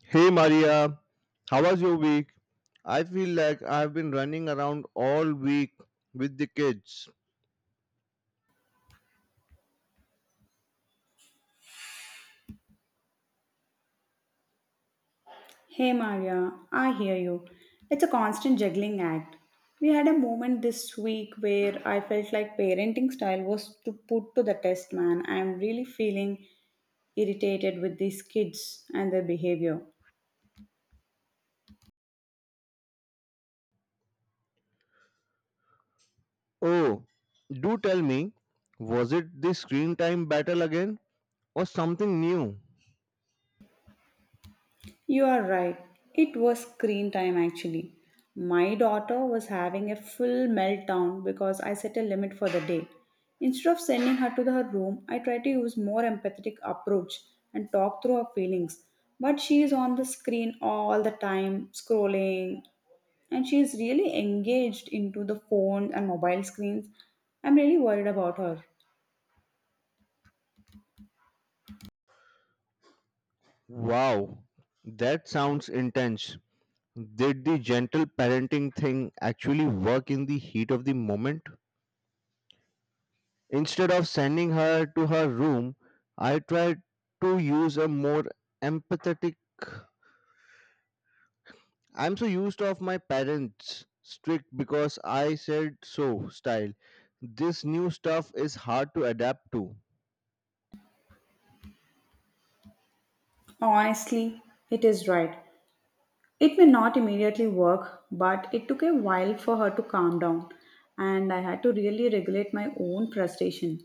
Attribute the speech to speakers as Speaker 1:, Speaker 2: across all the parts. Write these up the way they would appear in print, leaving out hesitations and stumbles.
Speaker 1: Hey Maria, how was your week? I feel like I've been running around all week with the kids.
Speaker 2: Hey Maria, I hear you. It's a constant juggling act. We had a moment this week where I felt like parenting style was to put to the test, man. I'm really feeling irritated with these kids and their behavior.
Speaker 1: Oh, do tell me, was it the screen time battle again or something new?
Speaker 2: You are right. It was screen time actually. My daughter was having a full meltdown because I set a limit for the day. Instead of sending her to her room, I try to use more empathetic approach and talk through her feelings. But she is on the screen all the time, scrolling, and she is really engaged into the phone and mobile screens. I'm really worried about her.
Speaker 1: Wow, that sounds intense. Did the gentle parenting thing actually work in the heat of the moment? Instead of sending her to her room, I tried to use a more empathetic I'm so used of my parents strict because I said so style. This new stuff is hard to adapt to.
Speaker 2: Honestly, it is right. It may not immediately work, but it took a while for her to calm down, and I had to really regulate my own frustration.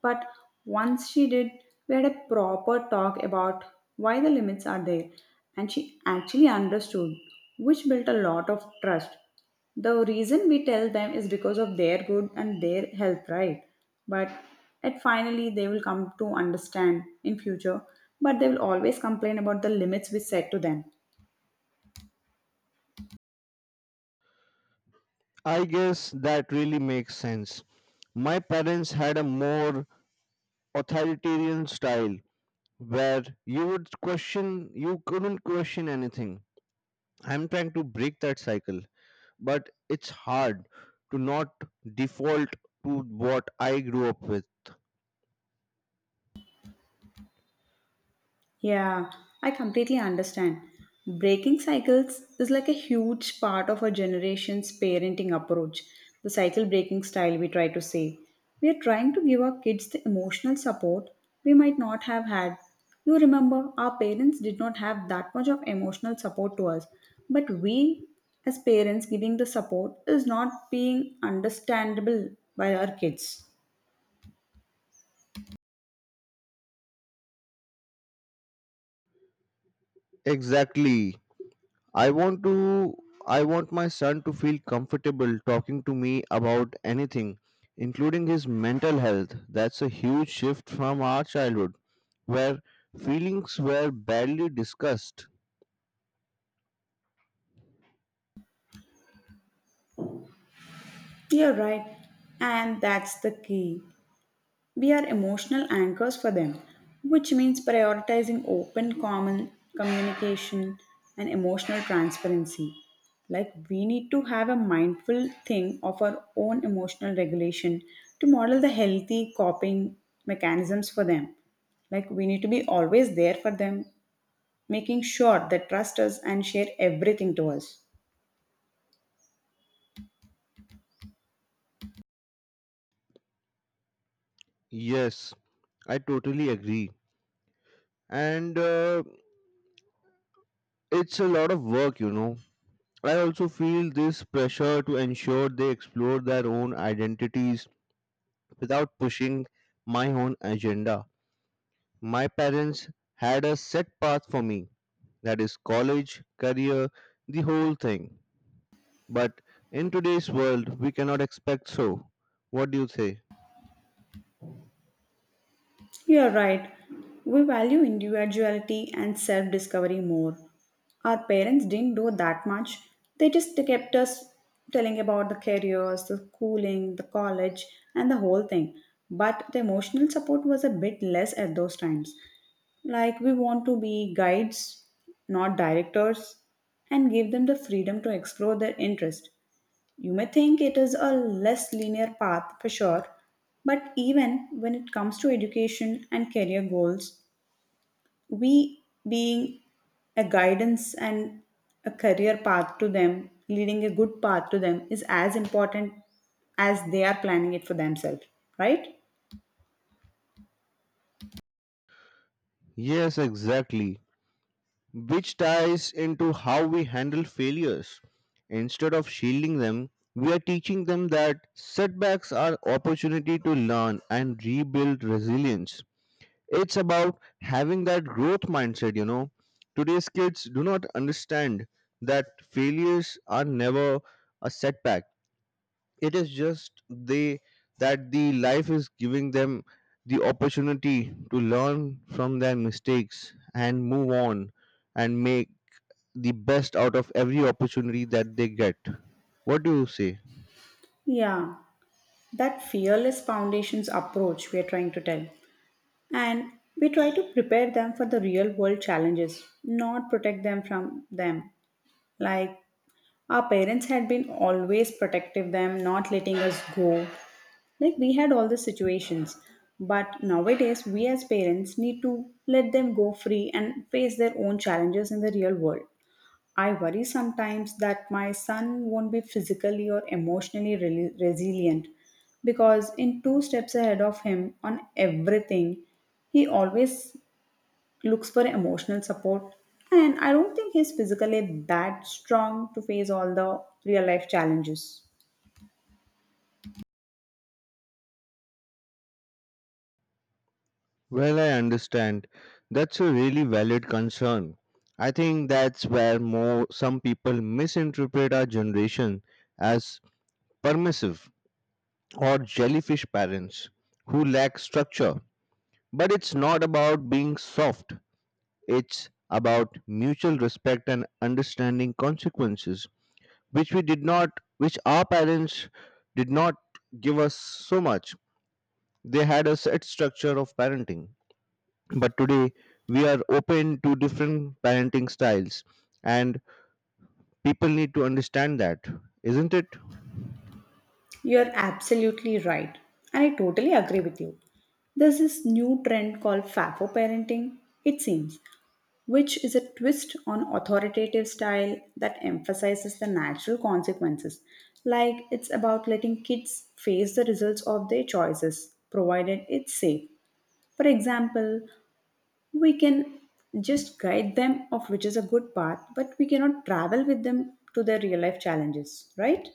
Speaker 2: But once she did, we had a proper talk about why the limits are there, and she actually understood, which built a lot of trust. The reason we tell them is because of their good and their health, right? But at finally, they will come to understand in future, but they will always complain about the limits we set to them.
Speaker 1: I guess that really makes sense. My parents had a more authoritarian style where you would question you couldn't question anything. I'm trying to break that cycle, but it's hard to not default to what I grew up with.
Speaker 2: Yeah, I completely understand. Breaking cycles is like a huge part of our generation's parenting approach, the cycle breaking style we try to say. We are trying to give our kids the emotional support we might not have had. You remember, our parents did not have that much of emotional support to us, but we as parents giving the support is not being understandable by our kids.
Speaker 1: Exactly. I want to I want my son to feel comfortable talking to me about anything, including his mental health. That's a huge shift from our childhood where feelings were barely discussed.
Speaker 2: You're right. And that's the key. We are emotional anchors for them, which means prioritizing open, common communication and emotional transparency. Like, we need to have a mindful thing of our own emotional regulation to model the healthy coping mechanisms for them. Like, we need to be always there for them, making sure they trust us and share everything to us.
Speaker 1: Yes, I totally agree. And It's a lot of work. I also feel this pressure to ensure they explore their own identities without pushing my own agenda. My parents had a set path for me. That is college, career, the whole thing. But in today's world, we cannot expect so. What do you say?
Speaker 2: You're right. We value individuality and self discovery more. Our parents didn't do that much. They just kept us telling about the careers, the schooling, the college, and the whole thing. But the emotional support was a bit less at those times. Like, we want to be guides, not directors, and give them the freedom to explore their interest. You may think it is a less linear path for sure, but even when it comes to education and career goals, we being a guidance and a career path to them, leading a good path to them, is as important as they are planning it for themselves, right?
Speaker 1: Yes, exactly. Which ties into how we handle failures. Instead of shielding them, we are teaching them that setbacks are opportunity to learn and rebuild resilience. It's about having that growth mindset. Today's kids do not understand that failures are never a setback, it is just they that the life is giving them the opportunity to learn from their mistakes and move on and make the best out of every opportunity that they get. What do you say?
Speaker 2: Yeah, that fearless foundations approach we are trying to tell. And we try to prepare them for the real world challenges, not protect them from them. Like our parents had been always protective them, not letting us go. Like we had all the situations. But nowadays we as parents need to let them go free and face their own challenges in the real world. I worry sometimes that my son won't be physically or emotionally resilient because in two steps ahead of him on everything, he always looks for emotional support, and I don't think he's physically that strong to face all the real life challenges.
Speaker 1: Well, I understand. That's a really valid concern. I think that's where more some people misinterpret our generation as permissive or jellyfish parents who lack structure. But it's not about being soft. It's about mutual respect and understanding consequences, which we did not, which our parents did not give us so much. They had a set structure of parenting. But today we are open to different parenting styles and people need to understand that, isn't it?
Speaker 2: You're absolutely right, and I totally agree with you. There's this new trend called fafo parenting, it seems, which is a twist on authoritative style that emphasizes the natural consequences. Like, it's about letting kids face the results of their choices provided it's safe. For example, we can just guide them of which is a good path, but we cannot travel with them to their real life challenges, right?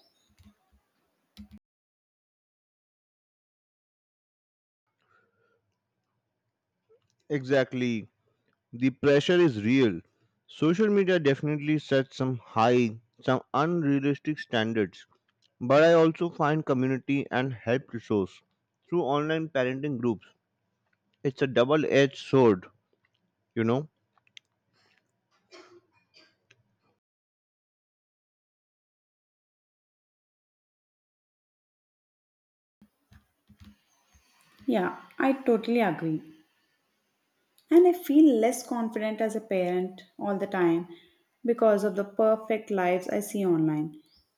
Speaker 1: Exactly. The pressure is real. Social media definitely sets some high, some unrealistic standards, but I also find community and help resource through online parenting groups. It's a double edged sword, you know.
Speaker 2: Yeah, I totally agree. And I feel less confident as a parent all the time because of the perfect lives I see online.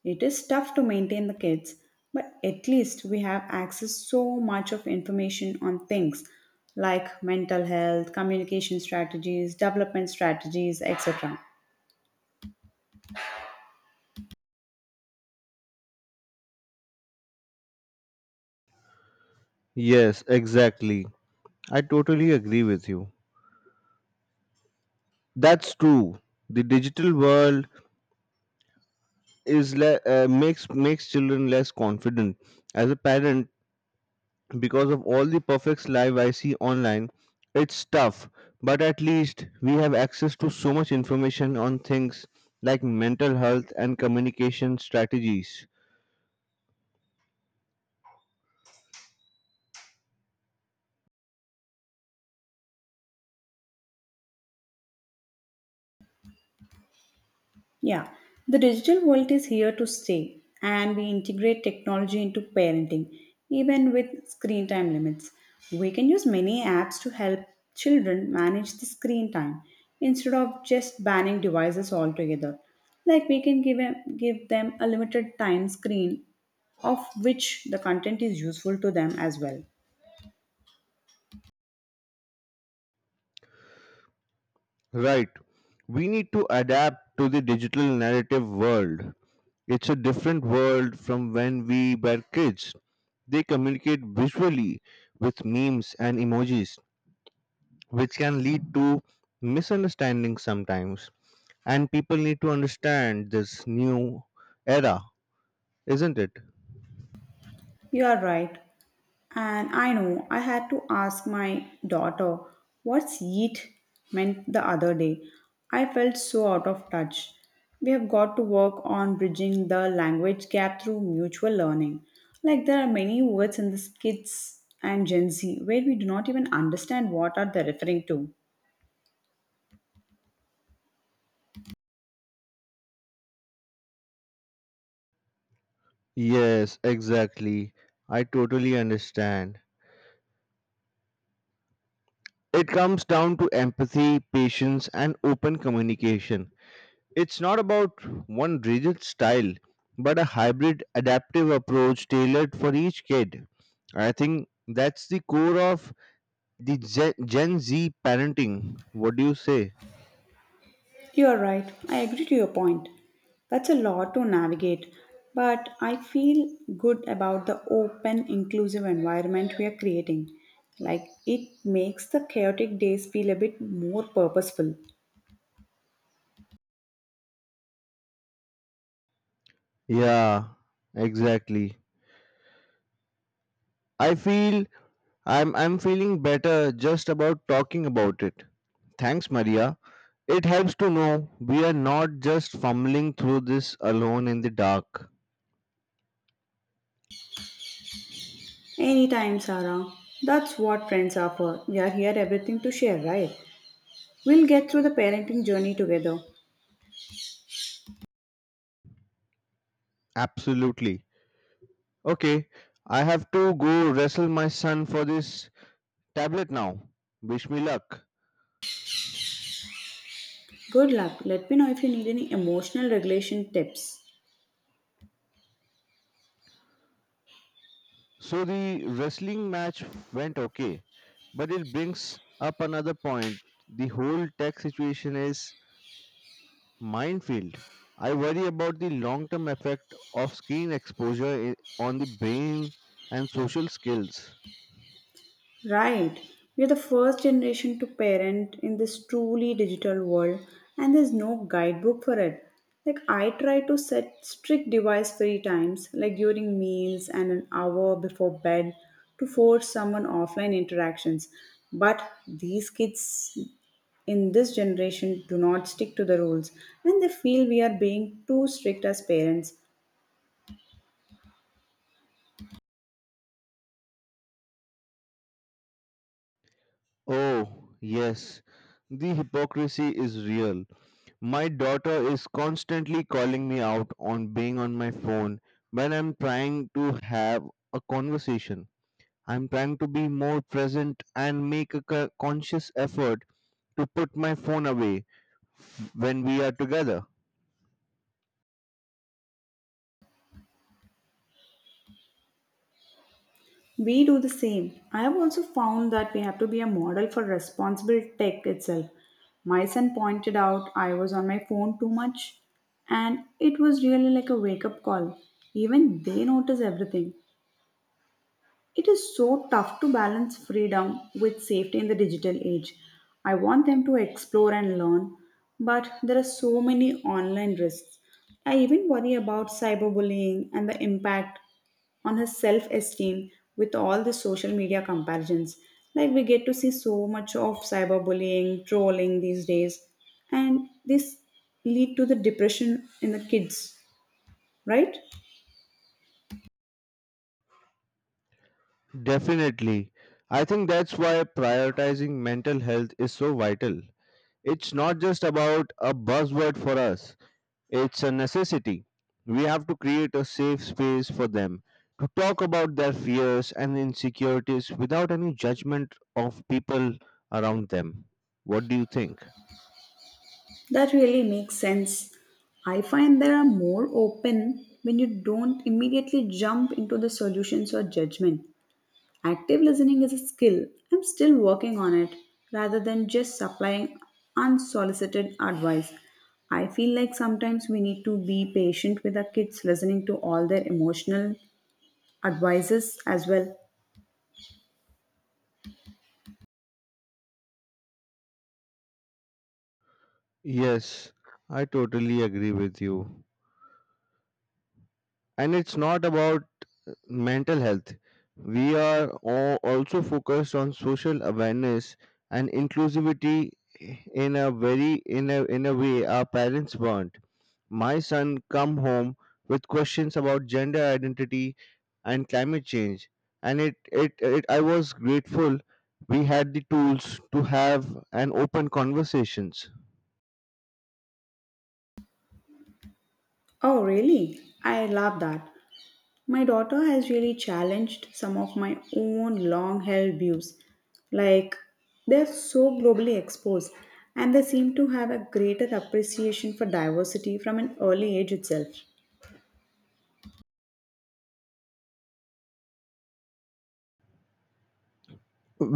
Speaker 2: It is tough to maintain the kids, but at least we have access so much of information on things like mental health, communication strategies, development strategies, etc.
Speaker 1: Yes, exactly. I totally agree with you. That's true. The digital world is makes makes children less confident as a parent because of all the perfect life I see online. It's tough, but at least we have access to so much information on things like mental health and communication strategies.
Speaker 2: Yeah, the digital world is here to stay, and we integrate technology into parenting, even with screen time limits. We can use many apps to help children manage the screen time instead of just banning devices altogether. Like we can give them a limited time screen of which the content is useful to them as well.
Speaker 1: Right, we need to adapt to the digital narrative world. It's a different world from when we were kids. They communicate visually with memes and emojis, which can lead to misunderstandings sometimes. And people need to understand this new era, isn't it?
Speaker 2: You are right. And I know I had to ask my daughter what's yeet meant the other day. I felt so out of touch. We have got to work on bridging the language gap through mutual learning. Like there are many words in the kids and Gen Z where we do not even understand what are they referring to.
Speaker 1: Yes, exactly. I totally understand. It comes down to empathy, patience, and open communication. It's not about one rigid style, but a hybrid, adaptive approach tailored for each kid. I think that's the core of the Gen Z parenting. What do you say?
Speaker 2: You are right. I agree to your point. That's a lot to navigate, but I feel good about the open, inclusive environment we are creating. Like it makes the chaotic days feel a bit more purposeful.
Speaker 1: Yeah, exactly. I feel I'm feeling better just about talking about it. Thanks, Maria. It helps to know we are not just fumbling through this alone in the dark.
Speaker 2: Anytime, Sarah. That's what friends are for. We are here everything to share, right? We'll get through the parenting journey together.
Speaker 1: Absolutely. Okay, I have to go wrestle my son for this tablet now. Wish me luck.
Speaker 2: Good luck. Let me know if you need any emotional regulation tips.
Speaker 1: So the wrestling match went okay, but it brings up another point. The whole tech situation is minefield. I worry about the long term effect of screen exposure on the brain and social skills.
Speaker 2: Right. We are the first generation to parent in this truly digital world, and there's no guidebook for it. Like, I try to set strict device free times, like during meals and an hour before bed, to force someone offline interactions. But these kids in this generation do not stick to the rules, and they feel we are being too strict as parents.
Speaker 1: Oh, yes, the hypocrisy is real. My daughter is constantly calling me out on being on my phone when I'm trying to have a conversation. I'm trying to be more present and make a conscious effort to put my phone away when we are together.
Speaker 2: We do the same. I have also found that we have to be a model for responsible tech itself. My son pointed out I was on my phone too much, and it was really like a wake up call. Even they notice everything. It is so tough to balance freedom with safety in the digital age. I want them to explore and learn, but there are so many online risks. I even worry about cyberbullying and the impact on her self esteem with all the social media comparisons. Like, we get to see so much of cyberbullying, trolling these days, and this lead to the depression in the kids, right?
Speaker 1: Definitely. I think that's why prioritizing mental health is so vital. It's not just about a buzzword for us, it's a necessity. We have to create a safe space for them to talk about their fears and insecurities without any judgment of people around them. What do you think?
Speaker 2: That really makes sense. I find they are more open when you don't immediately jump into the solutions or judgment. Active listening is a skill. I'm still working on it rather than just supplying unsolicited advice. I feel like sometimes we need to be patient with our kids listening to all their emotional advices as well.
Speaker 1: Yes, I totally agree with you. And it's not about mental health. We are also focused on social awareness and inclusivity in a very in a way our parents weren't. My son come home with questions about gender identity and climate change, and it I was grateful we had the tools to have an open conversations.
Speaker 2: Oh, really? I love that. My daughter has really challenged some of my own long held views. Like, they're so globally exposed, and they seem to have a greater appreciation for diversity from an early age itself.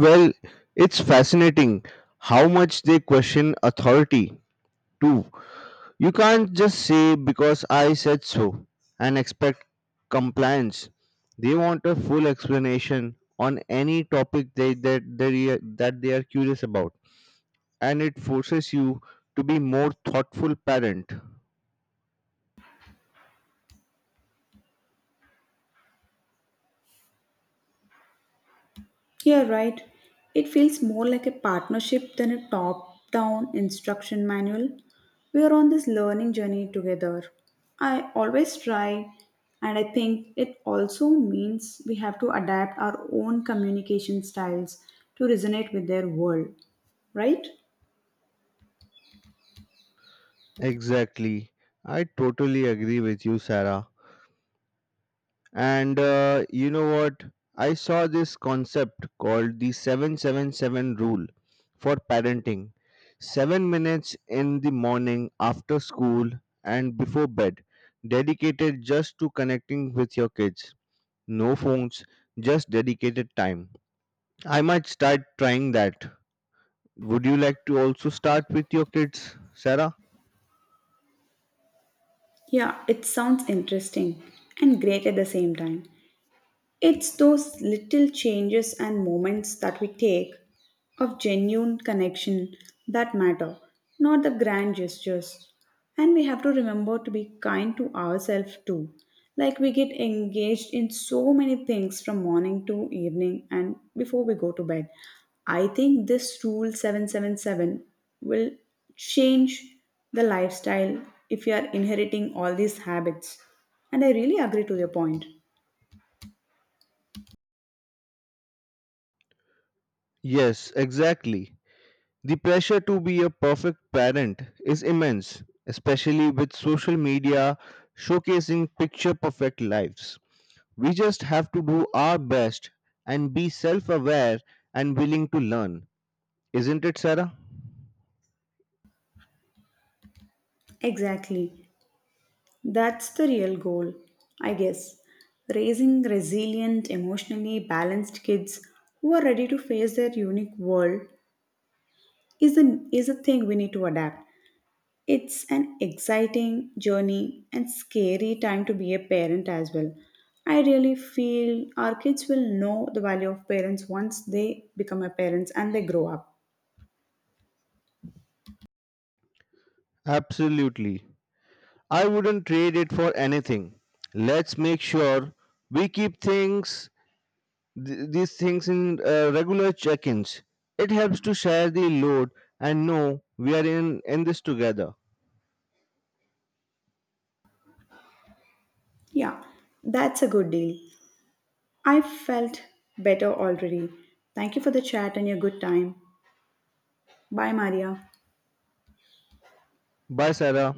Speaker 1: Well, it's fascinating how much they question authority too. You can't just say because I said so and expect compliance. They want a full explanation on any topic that they are curious about, and it forces you to be more thoughtful parent.
Speaker 2: You're right. It feels more like a partnership than a top down instruction manual. We are on this learning journey together. I always try, and I think it also means we have to adapt our own communication styles to resonate with their world, right?
Speaker 1: Exactly. I totally agree with you, Sarah. And You know what? I saw this concept called the 777 rule for parenting. 7 minutes in the morning after school and before bed, dedicated just to connecting with your kids. No phones, just dedicated time. I might start trying that. Would you like to also start with your kids, Sarah?
Speaker 2: Yeah, it sounds interesting and great at the same time. It's those little changes and moments that we take of genuine connection that matter, not the grand gestures. And we have to remember to be kind to ourselves too. Like we get engaged in so many things from morning to evening and before we go to bed. I think this rule 777 will change the lifestyle if you are inheriting all these habits. And I really agree to your point.
Speaker 1: Yes, exactly. The pressure to be a perfect parent is immense, especially with social media showcasing picture perfect lives. We just have to do our best and be self aware and willing to learn. Isn't it, Sarah?
Speaker 2: Exactly. That's the real goal, I guess. Raising resilient, emotionally balanced kids who are ready to face their unique world is a thing we need to adapt. It's an exciting journey and scary time to be a parent as well. I really feel our kids will know the value of parents once they become a parents and they grow up.
Speaker 1: Absolutely. I wouldn't trade it for anything. Let's make sure we keep things these things in regular check-ins. It helps to share the load and know we are in this together.
Speaker 2: Yeah, that's a good deal. I felt better already. Thank you for the chat and your good time. Bye, Maria.
Speaker 1: Bye, Sarah.